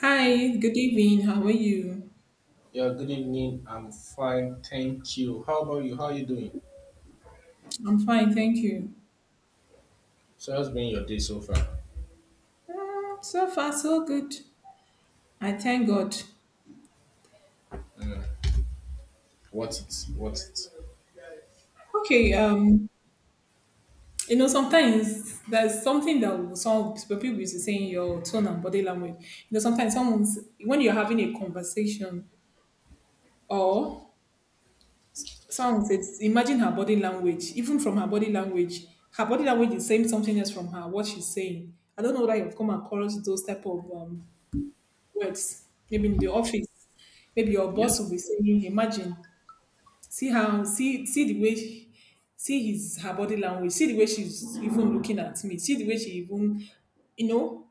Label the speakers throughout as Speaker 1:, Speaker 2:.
Speaker 1: Hi, good evening. How are you?
Speaker 2: Yeah, good evening. I'm fine, thank you. How about you? How are you doing?
Speaker 1: I'm fine, thank you.
Speaker 2: So how's been your day so far?
Speaker 1: Mm, so far, so good. I thank God.
Speaker 2: What's it? What's it?
Speaker 1: Okay, um, you know, sometimes there's something that some people used to say in your tone and body language. You know, sometimes someone's when you're having a conversation or someone says, imagine her body language, even from her body language is saying something else from her, what she's saying. I don't know whether you've come across those type of words maybe in the office. Maybe your
Speaker 2: Yes.
Speaker 1: boss will be saying, imagine, see how, see the way, see his her body language, see the way she's even looking at me, see the way she even, you know.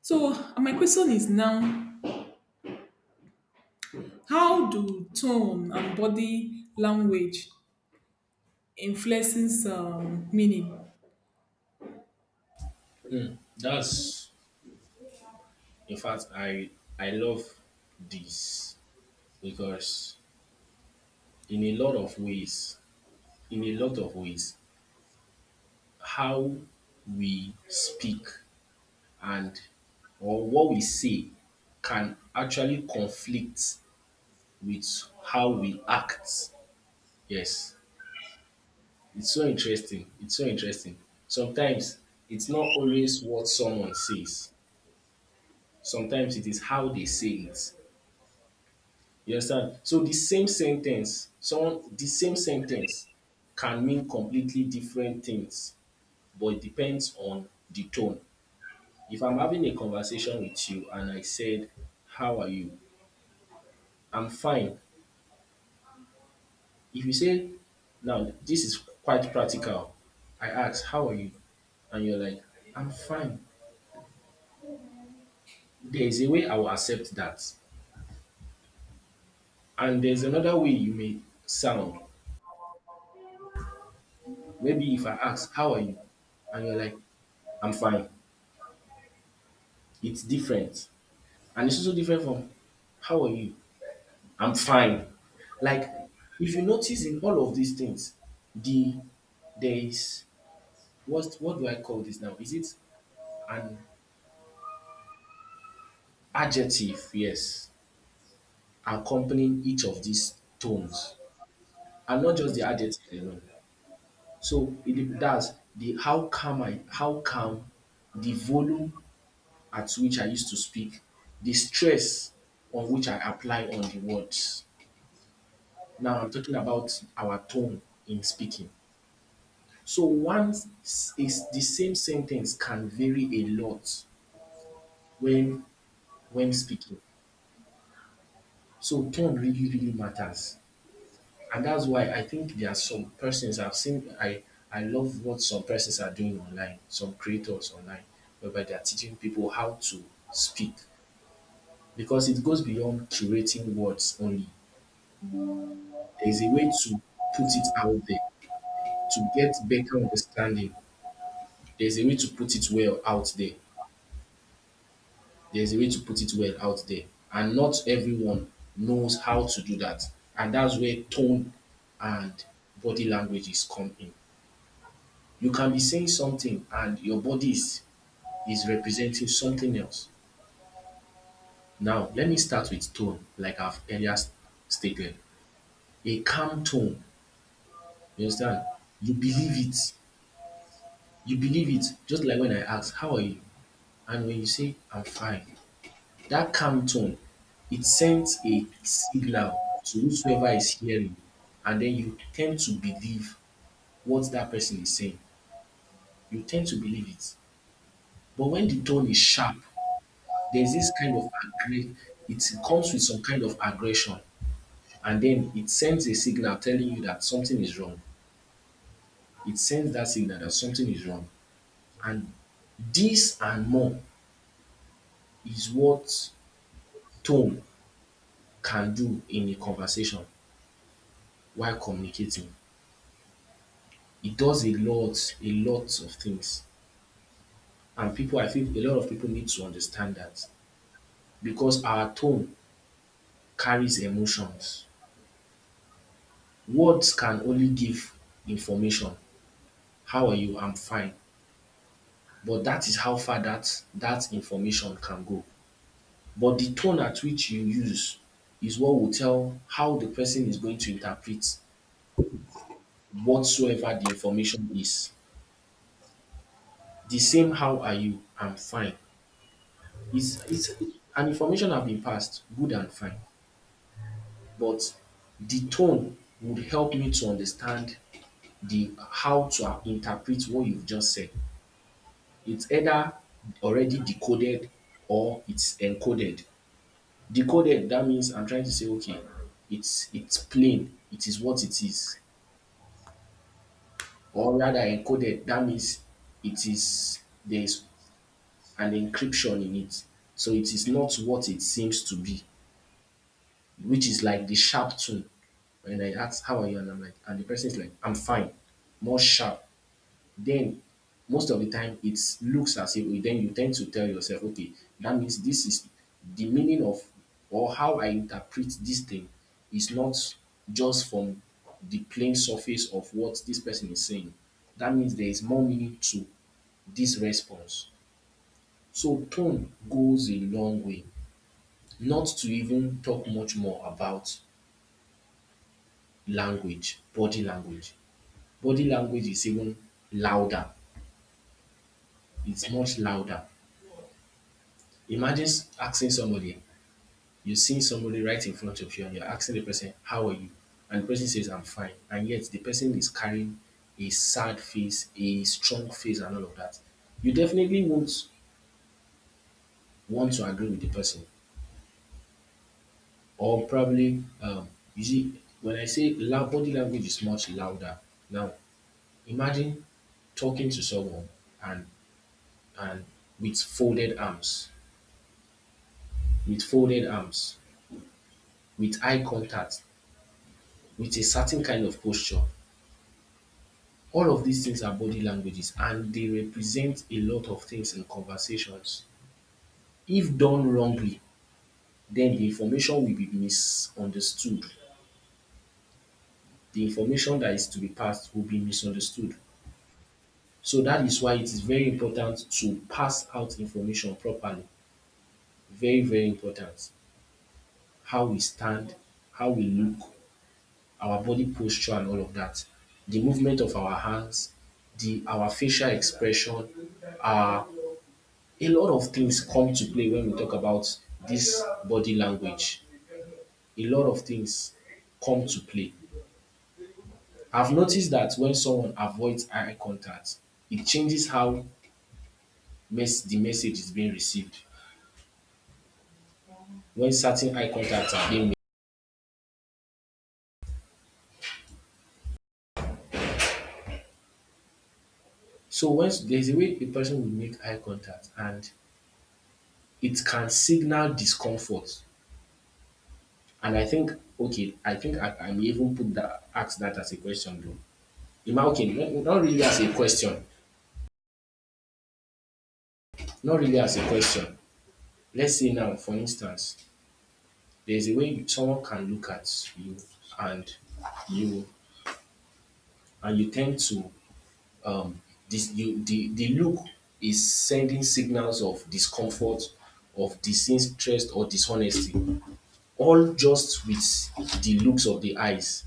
Speaker 1: So my question is now, how do tone and body language influences meaning?
Speaker 2: Hmm. That's in fact, I love this because in a lot of ways, in a lot of ways, how we speak and or what we say can actually conflict with how we act. Yes. It's so interesting. It's so interesting. Sometimes it's not always what someone says. Sometimes it is how they say it. You understand? So the same sentence, someone the same sentence can mean completely different things, but it depends on the tone. If I'm having a conversation with you and I said, "How are you? I'm fine." If you say, now, this is quite practical. I ask, "How are you?" And you're like, "I'm fine." There is a way I will accept that. And there's another way you may sound. Maybe if I ask, "How are you?" And you're like, "I'm fine." It's different. And it's also different from, "How are you? I'm fine." Like, if you notice in all of these things, the there is what do I call this now? Is it an adjective? Yes, accompanying each of these tones, and not just the adjective alone. That's the how calm, the volume at which I used to speak, the stress on which I apply on the words. Now I'm talking about our tone in speaking. So once s- is The same sentence can vary a lot when speaking. So tone really matters. And that's why I think there are some persons I've seen. I love what some persons are doing online, some creators online, whereby they are teaching people how to speak because it goes beyond curating words only. There's a way to put it out there to get better understanding. There's a way to put it well out there. There's a way to put it well out there, and not everyone knows how to do that. And that's where tone and body languages come in. You can be saying something and your is representing something else. Now, let me start with tone, like I've earlier stated. A calm tone, you understand? You believe it. You believe it. Just like when I ask, "How are you?" And when you say, "I'm fine," that calm tone, it sends a signal to whosoever is hearing, and then you tend to believe what that person is saying. You tend to believe it. But when the tone is sharp, there's this kind of it comes with some kind of aggression and then it sends a signal telling you that something is wrong. It sends that signal that something is wrong. And this and more is what tone can do in a conversation while communicating. It does a lot of things. And people, I think a lot of people need to understand that because our tone carries emotions. Words can only give information. How are you? I'm fine. But that is how far that information can go. But the tone at which you use is what will tell how the person is going to interpret whatsoever the information is. The same how are you? I'm fine. It's an information have been passed, good and fine. But the tone would help me to understand the how to interpret what you've just said. It's either already decoded or it's encoded. Decoded, that means I'm trying to say, okay, it's plain, it is what it is. Or rather encoded, that means it is there is an encryption in it. So it is not what it seems to be, which is like the sharp tone. When I ask how are you and I'm like and the person is like I'm fine, more sharp. Then most of the time it looks as if then you tend to tell yourself, okay, that means this is the meaning of or how I interpret this thing is not just from the plain surface of what this person is saying. That means there is more meaning to this response. So tone goes a long way, not to even talk much more about language, body language. Body language is even louder. It's much louder. Imagine asking somebody, you're seeing somebody right in front of you and you're asking the person, "How are you?" And the person says, "I'm fine." And yet the person is carrying a sad face, a strong face, and all of that. You definitely won't want to agree with the person. Or probably, you see, when I say loud, body language is much louder. Now, imagine talking to someone and and with folded arms, with folded arms with eye contact, with a certain kind of posture. All of these things are body languages and they represent a lot of things in conversations. If done wrongly, then the information will be misunderstood. The information that is to be passed will be misunderstood. So that is why it is very important to pass out information properly. Very, very important. How we stand, how we look, our body posture, and all of that. The movement of our hands, the our facial expression, our a lot of things come to play when we talk about this body language. A lot of things come to play. I've noticed that when someone avoids eye contact, it changes how the message is being received. When certain eye contacts are being made. So there's a way a person will make eye contact and it can signal discomfort. And I think, okay, I think I may even put that ask that as a question though. Okay, not really as a question. Not really as a question. Let's say now, for instance, there's a way someone can look at you and you you tend to um the look is sending signals of discomfort, of disinterest or dishonesty, all just with the looks of the eyes.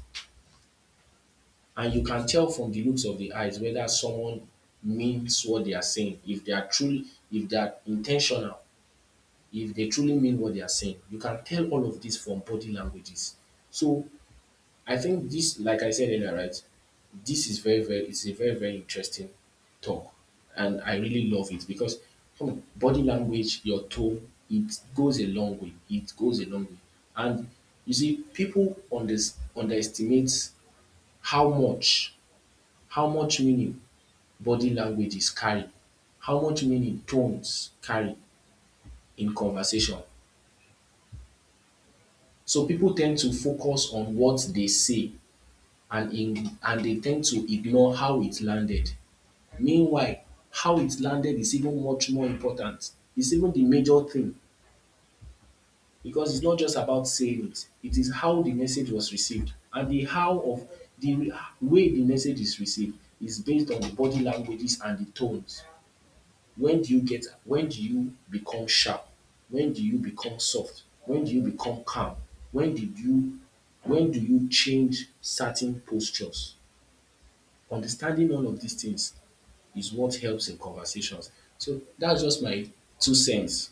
Speaker 2: And you can tell from the looks of the eyes whether someone means what they are saying, if they are truly, if they are intentional, if they truly mean what they are saying. You can tell all of this from body languages. So I think this, like I said earlier, right? This is very, very, it's a very, very interesting talk. And I really love it because hmm, body language, your tone, it goes a long way. It goes a long way. And you see, people underestimate how much, how much meaning body languages carry, how much meaning tones carry in conversation. So people tend to focus on what they say and they tend to ignore how it landed. Meanwhile, how it's landed is even much more important. It's even the major thing because it's not just about saying it. It is how the message was received, and the how of the way the message is received is based on the body languages and the tones. When do you become sharp? When do you become soft? When do you become calm? When did you when do you change certain postures? Understanding all of these things is what helps in conversations. So that's just my two cents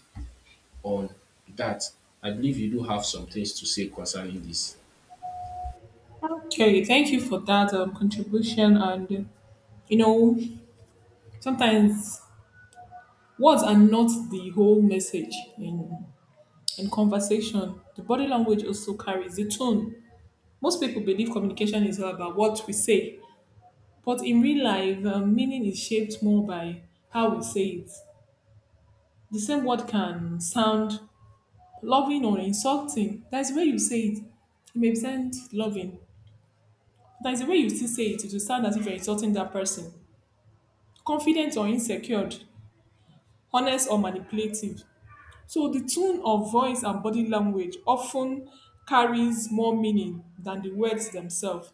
Speaker 2: on that. I believe you do have some things to say concerning this.
Speaker 1: Okay, thank you for that contribution and. You know, sometimes words are not the whole message in conversation. The body language also carries the tone. Most people believe communication is all about what we say, but in real life, meaning is shaped more by how we say it. The same word can sound loving or insulting. That's the way you say it. It may sound loving. That's the way you still say it. It will sound as if you're insulting that person. Confident or insecure, honest or manipulative. So the tone of voice and body language often carries more meaning than the words themselves.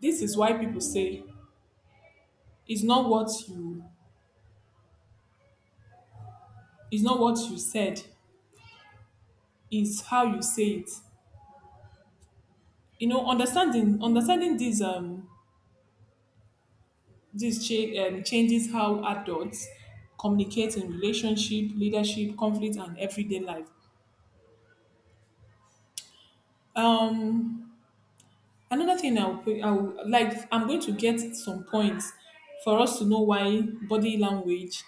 Speaker 1: This is why people say it's not what you it's not what you said, it's how you say it. You know, understanding these changes how adults communicate in relationship, leadership, conflict, and everyday life. Um, Another thing I'll like, I'm going to get some points for us to know why body language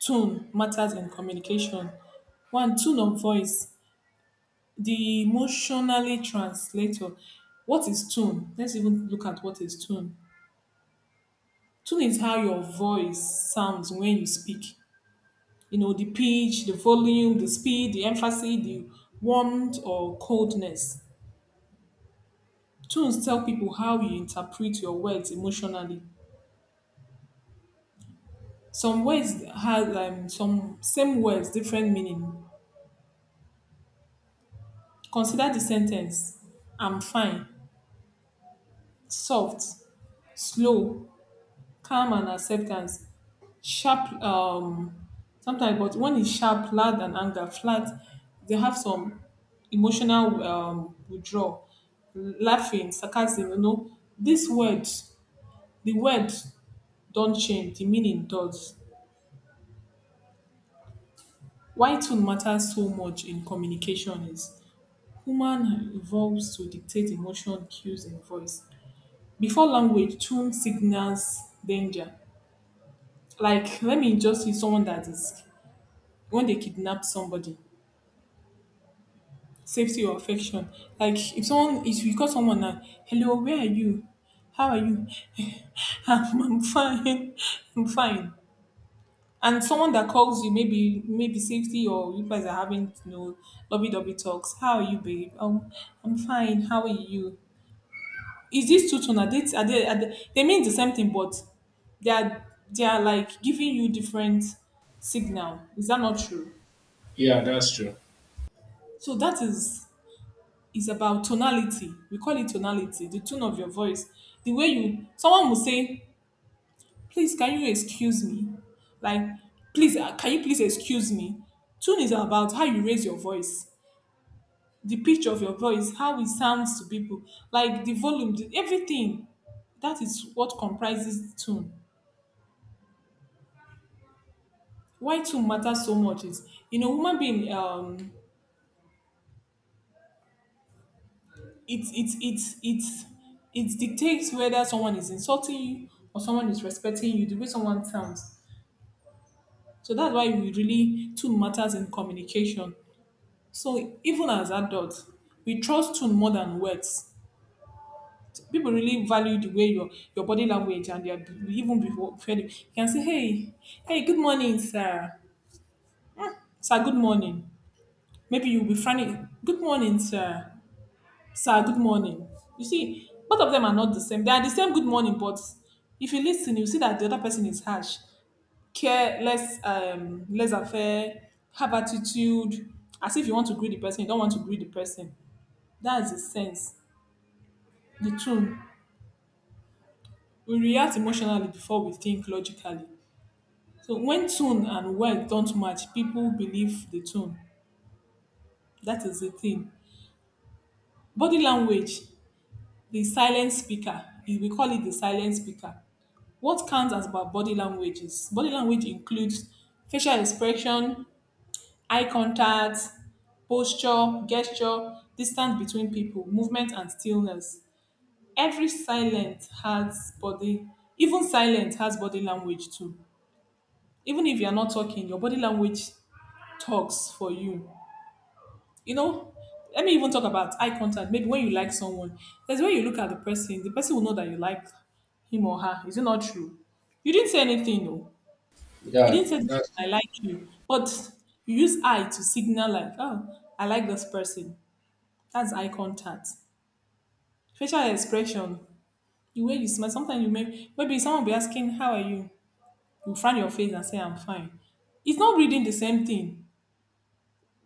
Speaker 1: tone matters in communication. One, tone of voice, the emotionally translator. What is tone? Let's even look at what is tone. Tone is how your voice sounds when you speak. You know, the pitch, the volume, the speed, the emphasis, the warmth or coldness. Tunes tell people how you interpret your words emotionally. Some words have some same words, different meaning. Consider the sentence I'm fine, soft, slow, calm, and acceptance. Sharp, um, but when it's sharp, loud, and anger, flat, they have some emotional withdrawal, laughing, sarcasm. You know, these words, the words don't change, the meaning does. Why tone matters so much in communication is human evolves to dictate emotion, cues, and voice. Before language, tone signals danger. Like, let me just see someone that is when they kidnap somebody, safety or affection. Like if someone if you call someone and hello, where are you? How are you? I'm fine. I'm fine. And someone that calls you, maybe safety or you guys are having you know lovey dovey talks. How are you, babe? I'm fine. How are you? Is this two tone? They mean the same thing, but they are like giving you different signal. Is that not true?
Speaker 2: Yeah, that's true.
Speaker 1: So that is about tonality. We call it tonality, the tone of your voice. The way you, someone will say, please, can you excuse me? Like, please, can you please excuse me? Tune is about how you raise your voice, the pitch of your voice, how it sounds to people, like the volume, the, everything. That is what comprises tune. Why tune matters so much is, in a human being, it, it, it, it, it dictates whether someone is insulting you or someone is respecting you, the way someone sounds. So that's why we really tone matters in communication. So even as adults, we trust tone more than words. People really value the way your body language and their even before you can say, hey, good morning, sir. Sir, good morning. Maybe you'll be friendly. Good morning, sir. Sir, good morning. You see, both of them are not the same. They are the same good morning, but if you listen, you see that the other person is harsh. Care less, less affair, have attitude, as if you want to greet the person, you don't want to greet the person. That's the sense, the tone. We react emotionally before we think logically. So when tone and word don't match, people believe the tone. That is the thing. Body language, the silent speaker, we call it the silent speaker. What counts as about body language is body language includes facial expression, eye contact, posture, gesture, distance between people, movement and stillness. Every silent has body, even silent has body language too. Even if you're not talking, your body language talks for you. You know, let me even talk about eye contact. Maybe when you like someone, there's when you look at the person will know that you like him or her. Is it not true? You didn't say anything, no. You
Speaker 2: Yeah,
Speaker 1: didn't say anything,
Speaker 2: that's
Speaker 1: I like you, but you use eye to signal like, oh, I like this person. That's eye contact. Facial expression, the way you smile. Sometimes you may maybe someone will be asking, how are you? You frown your face and say, I'm fine. It's not reading the same thing.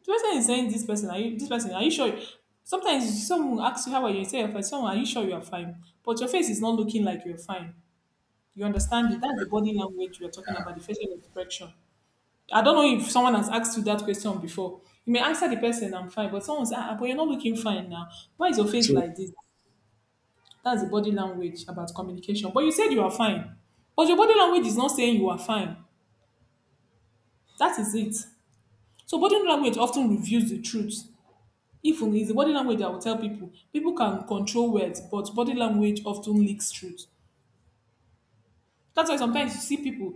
Speaker 1: The person is saying this person, are you this person, are you sure? Sometimes someone will ask you how are you, you say you're fine, someone, are you sure you're fine? But your face is not looking like you're fine. You understand it? That's the body language we're talking about, the facial expression. I don't know if someone has asked you that question before. You may answer the person, I'm fine, but someone's ah, ah, but you're not looking fine now. Why is your face
Speaker 2: true.
Speaker 1: like this? That's the body language about communication. But you said you are fine. But your body language is not saying you are fine. That is it. So body language often reveals the truth. If only it's the body language that will tell people. People can control words, but body language often leaks truth. That's why sometimes you see people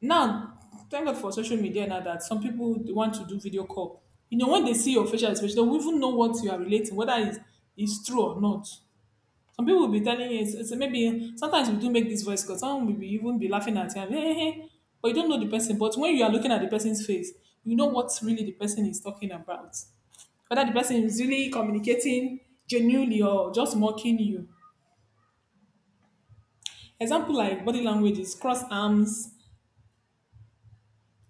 Speaker 1: now. Thank God for social media now that some people they want to do video call. You know, when they see your facial expression, they will even know what you are relating, whether it's true or not. Some people will be telling you, it's maybe sometimes we do make this voice because someone will be even be laughing at you, and, hey," but you don't know the person. But when you are looking at the person's face, you know what really the person is talking about. Whether the person is really communicating genuinely or just mocking you. Example like body language is cross arms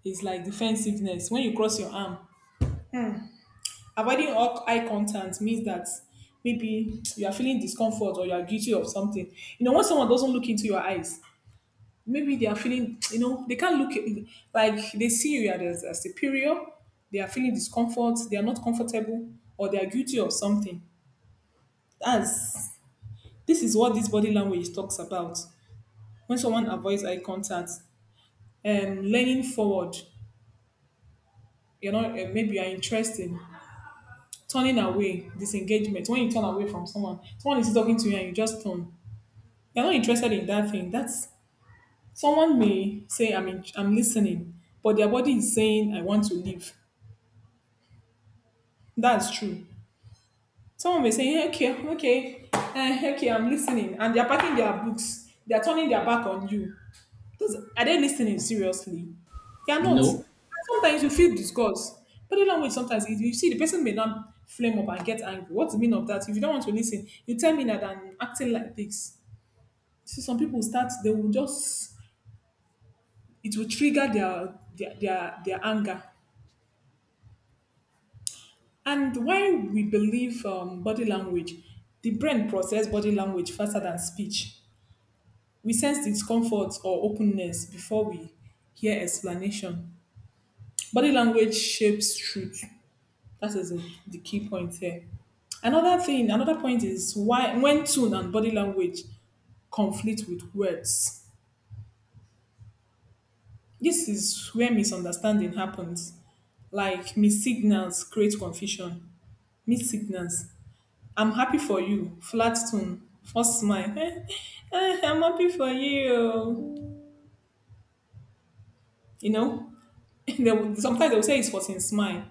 Speaker 1: is like defensiveness. When you cross your arm, avoiding all eye contact means that maybe you are feeling discomfort or you are guilty of something. You know, when someone doesn't look into your eyes, maybe they are feeling, you know, they can't look like they see you as a superior. They are feeling discomfort. They are not comfortable, or they are guilty of something. That's this is what this body language talks about. When someone avoids eye contact, leaning forward, you know, maybe you are interested, turning away, disengagement. When you turn away from someone, someone is talking to you and you just turn. You're not interested in that thing. That's someone may say, "I'm in, I'm listening," but their body is saying, "I want to leave." That's true. Someone may say, "Yeah, okay, okay, eh, okay, I'm listening. And they're packing their books. They're turning their back on you. Those, are they listening seriously? They are not.
Speaker 2: No,
Speaker 1: Sometimes you feel disgust. But the language sometimes you see the person may not flame up and get angry. What's the meaning of that? If you don't want to listen, you tell me that I'm acting like this. See, some people start, they will just, it will trigger their anger. And why we believe body language, the brain processes body language faster than speech. We sense discomfort or openness before we hear explanation. Body language shapes truth. That is the key point here. Another thing, another point is why when tone and body language conflict with words. This is where misunderstanding happens. Like mis signals create confusion. Mis signals I'm happy for you. Flat tune, first smile. I'm happy for you. You know, they will, sometimes they will say it's forcing smile.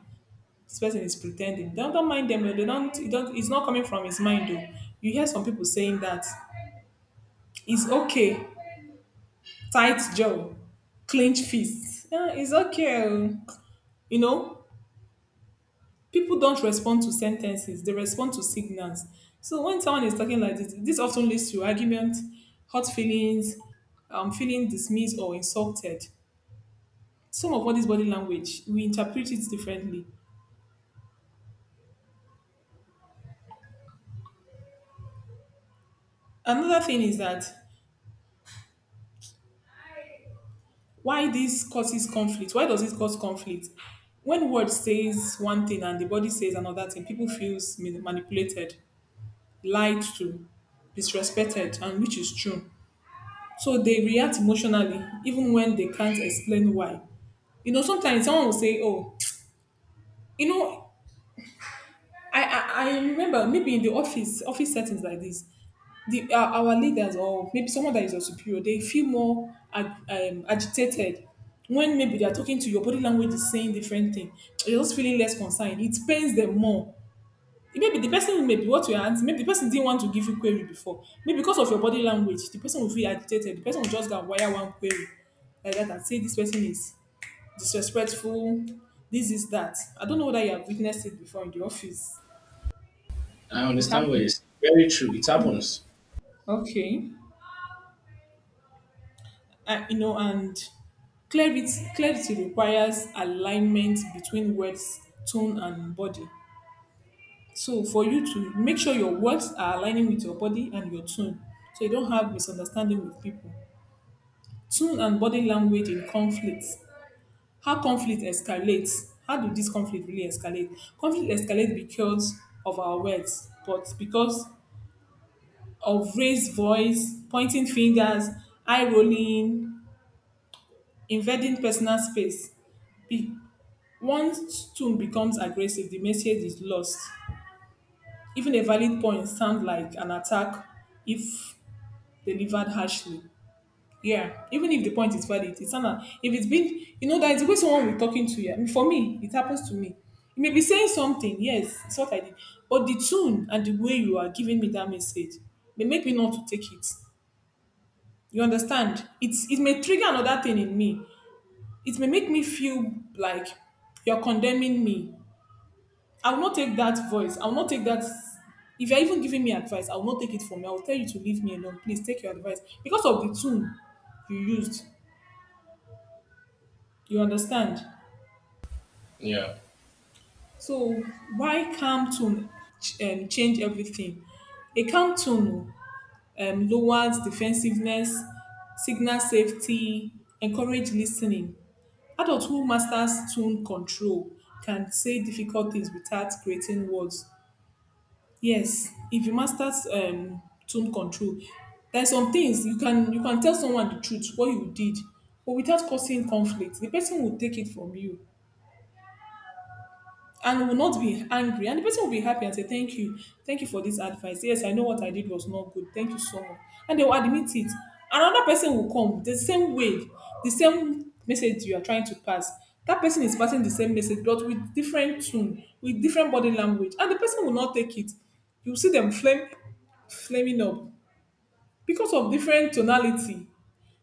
Speaker 1: This person is pretending. Don't mind them. They don't. It don't. It's not coming from his mind. Though you hear some people saying that it's okay. Tight jaw, clenched fist. Eh, it's okay. oh." You know, people don't respond to sentences, they respond to signals. So when someone is talking like this, often leads to argument, hurt feelings, feeling dismissed or insulted. Some of all this body language, we interpret it differently. Another thing is that why this causes conflict, why does it cause conflict? When word says one thing and the body says another thing, people feels manipulated, lied to, disrespected, and which is true. So they react emotionally even when they can't explain why. You know, sometimes someone will say, "Oh, you know, I remember maybe in the office settings like this, the our leaders or maybe someone that is your superior, they feel more agitated when maybe they are talking to you, your body language is saying different thing. You're just feeling less concerned. It pains them more. Maybe the person may be what you're answering, maybe the person didn't want to give you query before. Maybe because of your body language, the person will feel agitated. The person will just go and wire one query like that and say this person is disrespectful, this is that. I don't know whether you have witnessed it before in the office.
Speaker 2: I
Speaker 1: It
Speaker 2: understand what
Speaker 1: happened.
Speaker 2: you're saying. Very true. It happens.
Speaker 1: Okay. You know, and clarity clarity requires alignment between words, tone and body. So for you to make sure your words are aligning with your body and your tone. So you don't have misunderstanding with people. Tone and body language in conflict. How conflict escalates. How do this conflict really escalate? Conflict escalates because of our words, but because of raised voice, pointing fingers, eye rolling, invading personal space. Be- Once tone becomes aggressive, the message is lost. Even a valid point sounds like an attack if delivered harshly. Yeah, even if the point is valid, it's an, if it's been, you know, that is the way someone we're talking to you. I mean, for me, it happens to me. You may be saying something, yes, it's what I did, but the tune and the way you are giving me that message may make me not to take it. You understand? It's, it may trigger another thing in me. It may make me feel like you're condemning me. I will not take that voice. I will not take that. If you're even giving me advice, I will not take it from you. I will tell you to leave me alone. Please take your advice because of the tune you used. You understand?
Speaker 2: Yeah.
Speaker 1: So why calm tone change everything? A calm tone lowers defensiveness, signals safety, encourage listening. Adults who masters tone control can say difficult things without creating words. Yes, if you masters tone control, there's some things you can tell someone the truth what you did, but without causing conflict, the person will take it from you, and will not be angry, and the person will be happy and say thank you, thank you for this advice. Yes, I know what I did was not good, thank you so much. And they will admit it. Another person will come the same way, the same message you are trying to pass, that person is passing the same message but with different tone, with different body language, and the person will not take it. You see them flame, flaming up because of different tonality,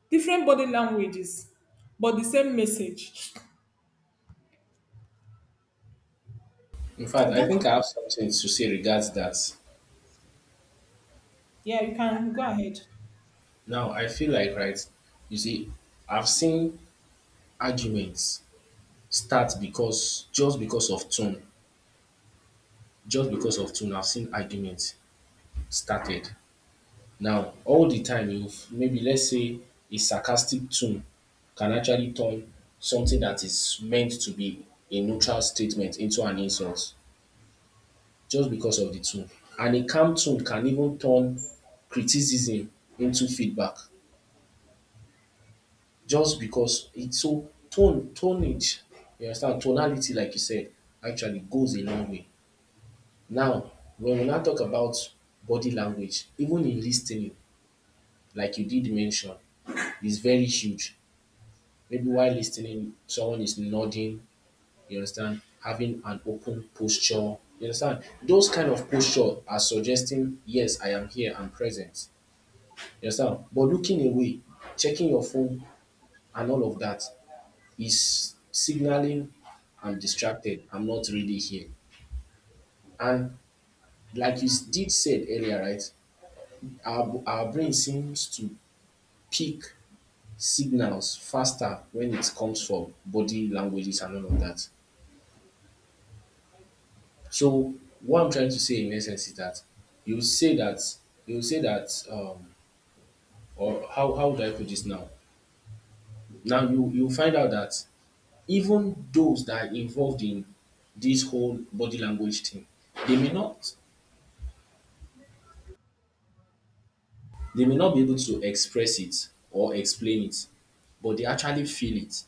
Speaker 1: different body languages, but the same message.
Speaker 2: In
Speaker 1: So
Speaker 2: fact, I
Speaker 1: that's,
Speaker 2: think I have something to say regards that.
Speaker 1: yeah, you can go ahead.
Speaker 2: Now, I feel like, right, you see, I've seen arguments start because just because of tone, just because of tone, I've seen arguments started. Now, all the time you maybe let's say a sarcastic tone can actually turn something that is meant to be a neutral statement into an insult just because of the tone. And a calm tone can even turn criticism into feedback just because it's so tonnage, you understand, tonality, like you said, actually goes a long way. Now, when we now talk about body language, even in listening, like you did mention, is very huge. Maybe while listening, someone is nodding, you understand, having an open posture. You understand? Those kind of posture are suggesting, yes, I am here, I'm present. You understand? But looking away, checking your phone, and all of that is signaling I'm distracted, I'm not really here. And like you did said earlier, right? Our brain seems to pick signals faster when it comes from body languages and all of that. So what I'm trying to say in essence is that you say that you say that or how would I put this now? Now you find out that even those that are involved in this whole body language thing, they may not they may not be able to express it or explain it, but they actually feel it.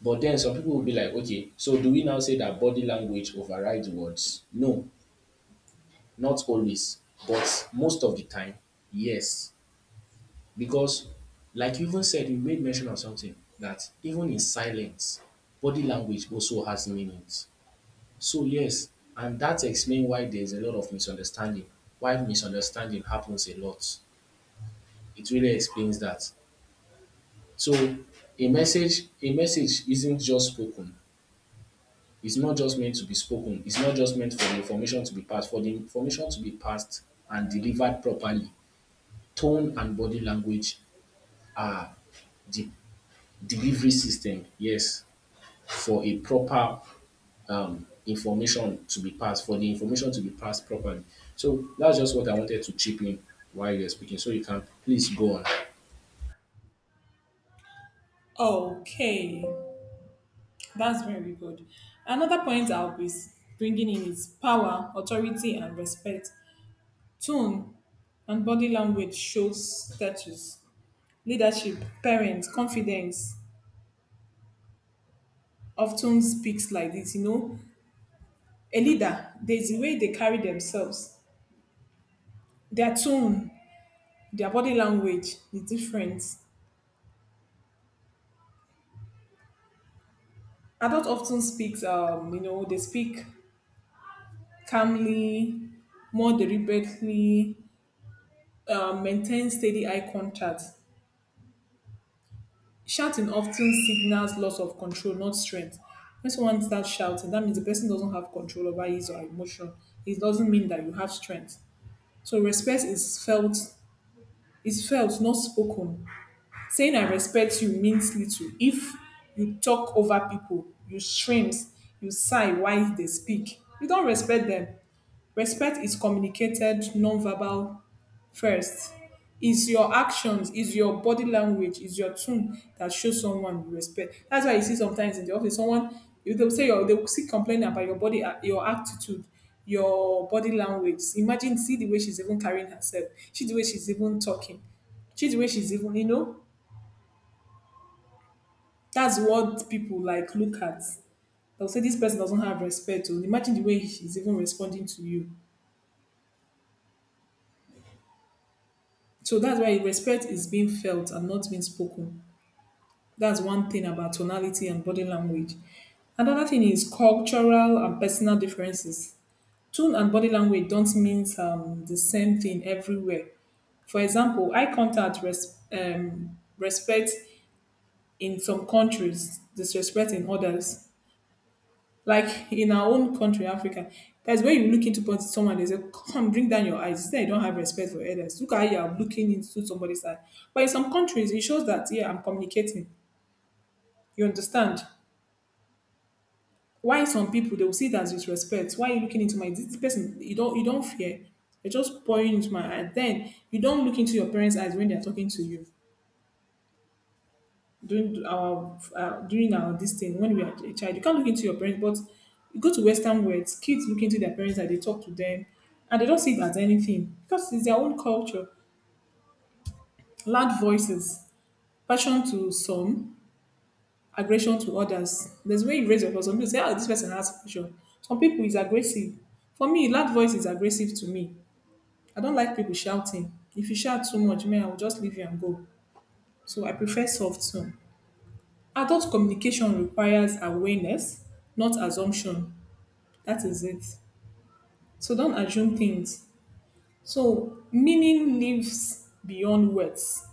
Speaker 2: But then some people will be like, okay, so do we now say that body language overrides words? No, not always, but most of the time, yes. Because like you even said, you made mention of something that even in silence, body language also has meanings. So yes, and that explains why there's a lot of misunderstanding. Why misunderstanding happens a lot. It really explains that. So a message isn't just spoken. It's not just meant to be spoken. It's not just meant for the information to be passed. For the information to be passed and delivered properly, tone and body language are the delivery system. Yes, for a proper information to be passed, for the information to be passed properly. So that's just what I wanted to chip in while you're speaking. So you can please go on.
Speaker 1: Okay. That's very good. Another point I'll be bringing in is power, authority, and respect. Tone and body language shows status. Leadership, parents, confidence often speaks like this. You know, a leader, there's the way they carry themselves. Their tone, their body language is different. Adult often speaks, you know, they speak calmly, more deliberately, maintain steady eye contact. Shouting often signals loss of control, not strength. When someone starts shouting, that means the person doesn't have control over his or her emotion. It doesn't mean that you have strength. So respect is felt, not spoken. Saying I respect you means little. If you talk over people, you scream, you sigh while they speak, you don't respect them. Respect is communicated non-verbal first. Is your actions, is your body language, is your tone that shows someone you respect. That's why you see sometimes in the office, someone if they will say your, they will still complain about your body, your attitude, your body language. Imagine see the way she's even carrying herself, see the way she's even talking, see the way she's even, you know. That's what people like look at. They'll say this person doesn't have respect. Or imagine the way she's even responding to you. So that's why respect is being felt and not being spoken. That's one thing about tonality and body language. Another thing is cultural and personal differences. Tone and body language don't mean the same thing everywhere. For example, eye contact, respect in some countries, disrespect in others. Like in our own country, Africa, that's when you look into point someone, they say, come on, bring down your eyes. It's like you don't have respect for others. Look at how you are looking into somebody's eye. But in some countries, it shows that, yeah, I'm communicating. You understand? Why some people they will see it as disrespect? Why are you looking into my this person? You don't fear. You're just pouring into my eye. Then you don't look into your parents' eyes when they're talking to you during our this thing when we are a child. You can't look into your parents, but you go to Western worlds, kids look into their parents and they talk to them, and they don't see it as anything because it's their own culture. Loud voices, passion to some, aggression to others. There's way you raise your voice. Some people say, "Oh, this person has passion." Some people is aggressive. For me, loud voice is aggressive to me. I don't like people shouting. If you shout too much, man, I will just leave you and go. So I prefer soft tone. Adult communication requires awareness, not assumption. That is it. So don't assume things. So meaning lives beyond words.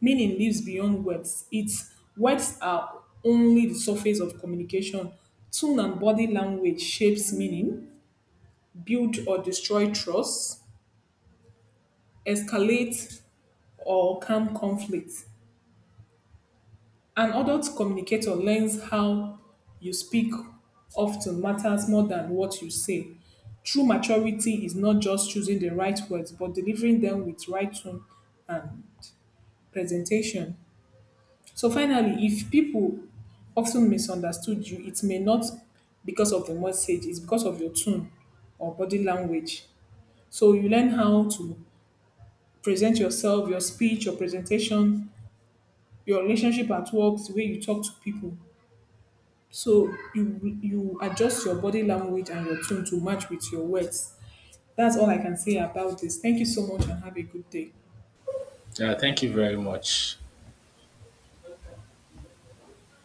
Speaker 1: Meaning lives beyond words. It's words are only the surface of communication. Tone and body language shapes meaning, build or destroy trust, escalate or calm conflict. An adult communicator learns how you speak often matters more than what you say. True maturity is not just choosing the right words, but delivering them with right tone, presentation. So finally, if people often misunderstood you, it may not because of the message, it's because of your tone or body language. So you learn how to present yourself, your speech, your presentation, your relationship at work, the way you talk to people. So you adjust your body language and your tone to match with your words. That's all I can say about this. Thank you so much and have a good day.
Speaker 2: Yeah, thank you very much.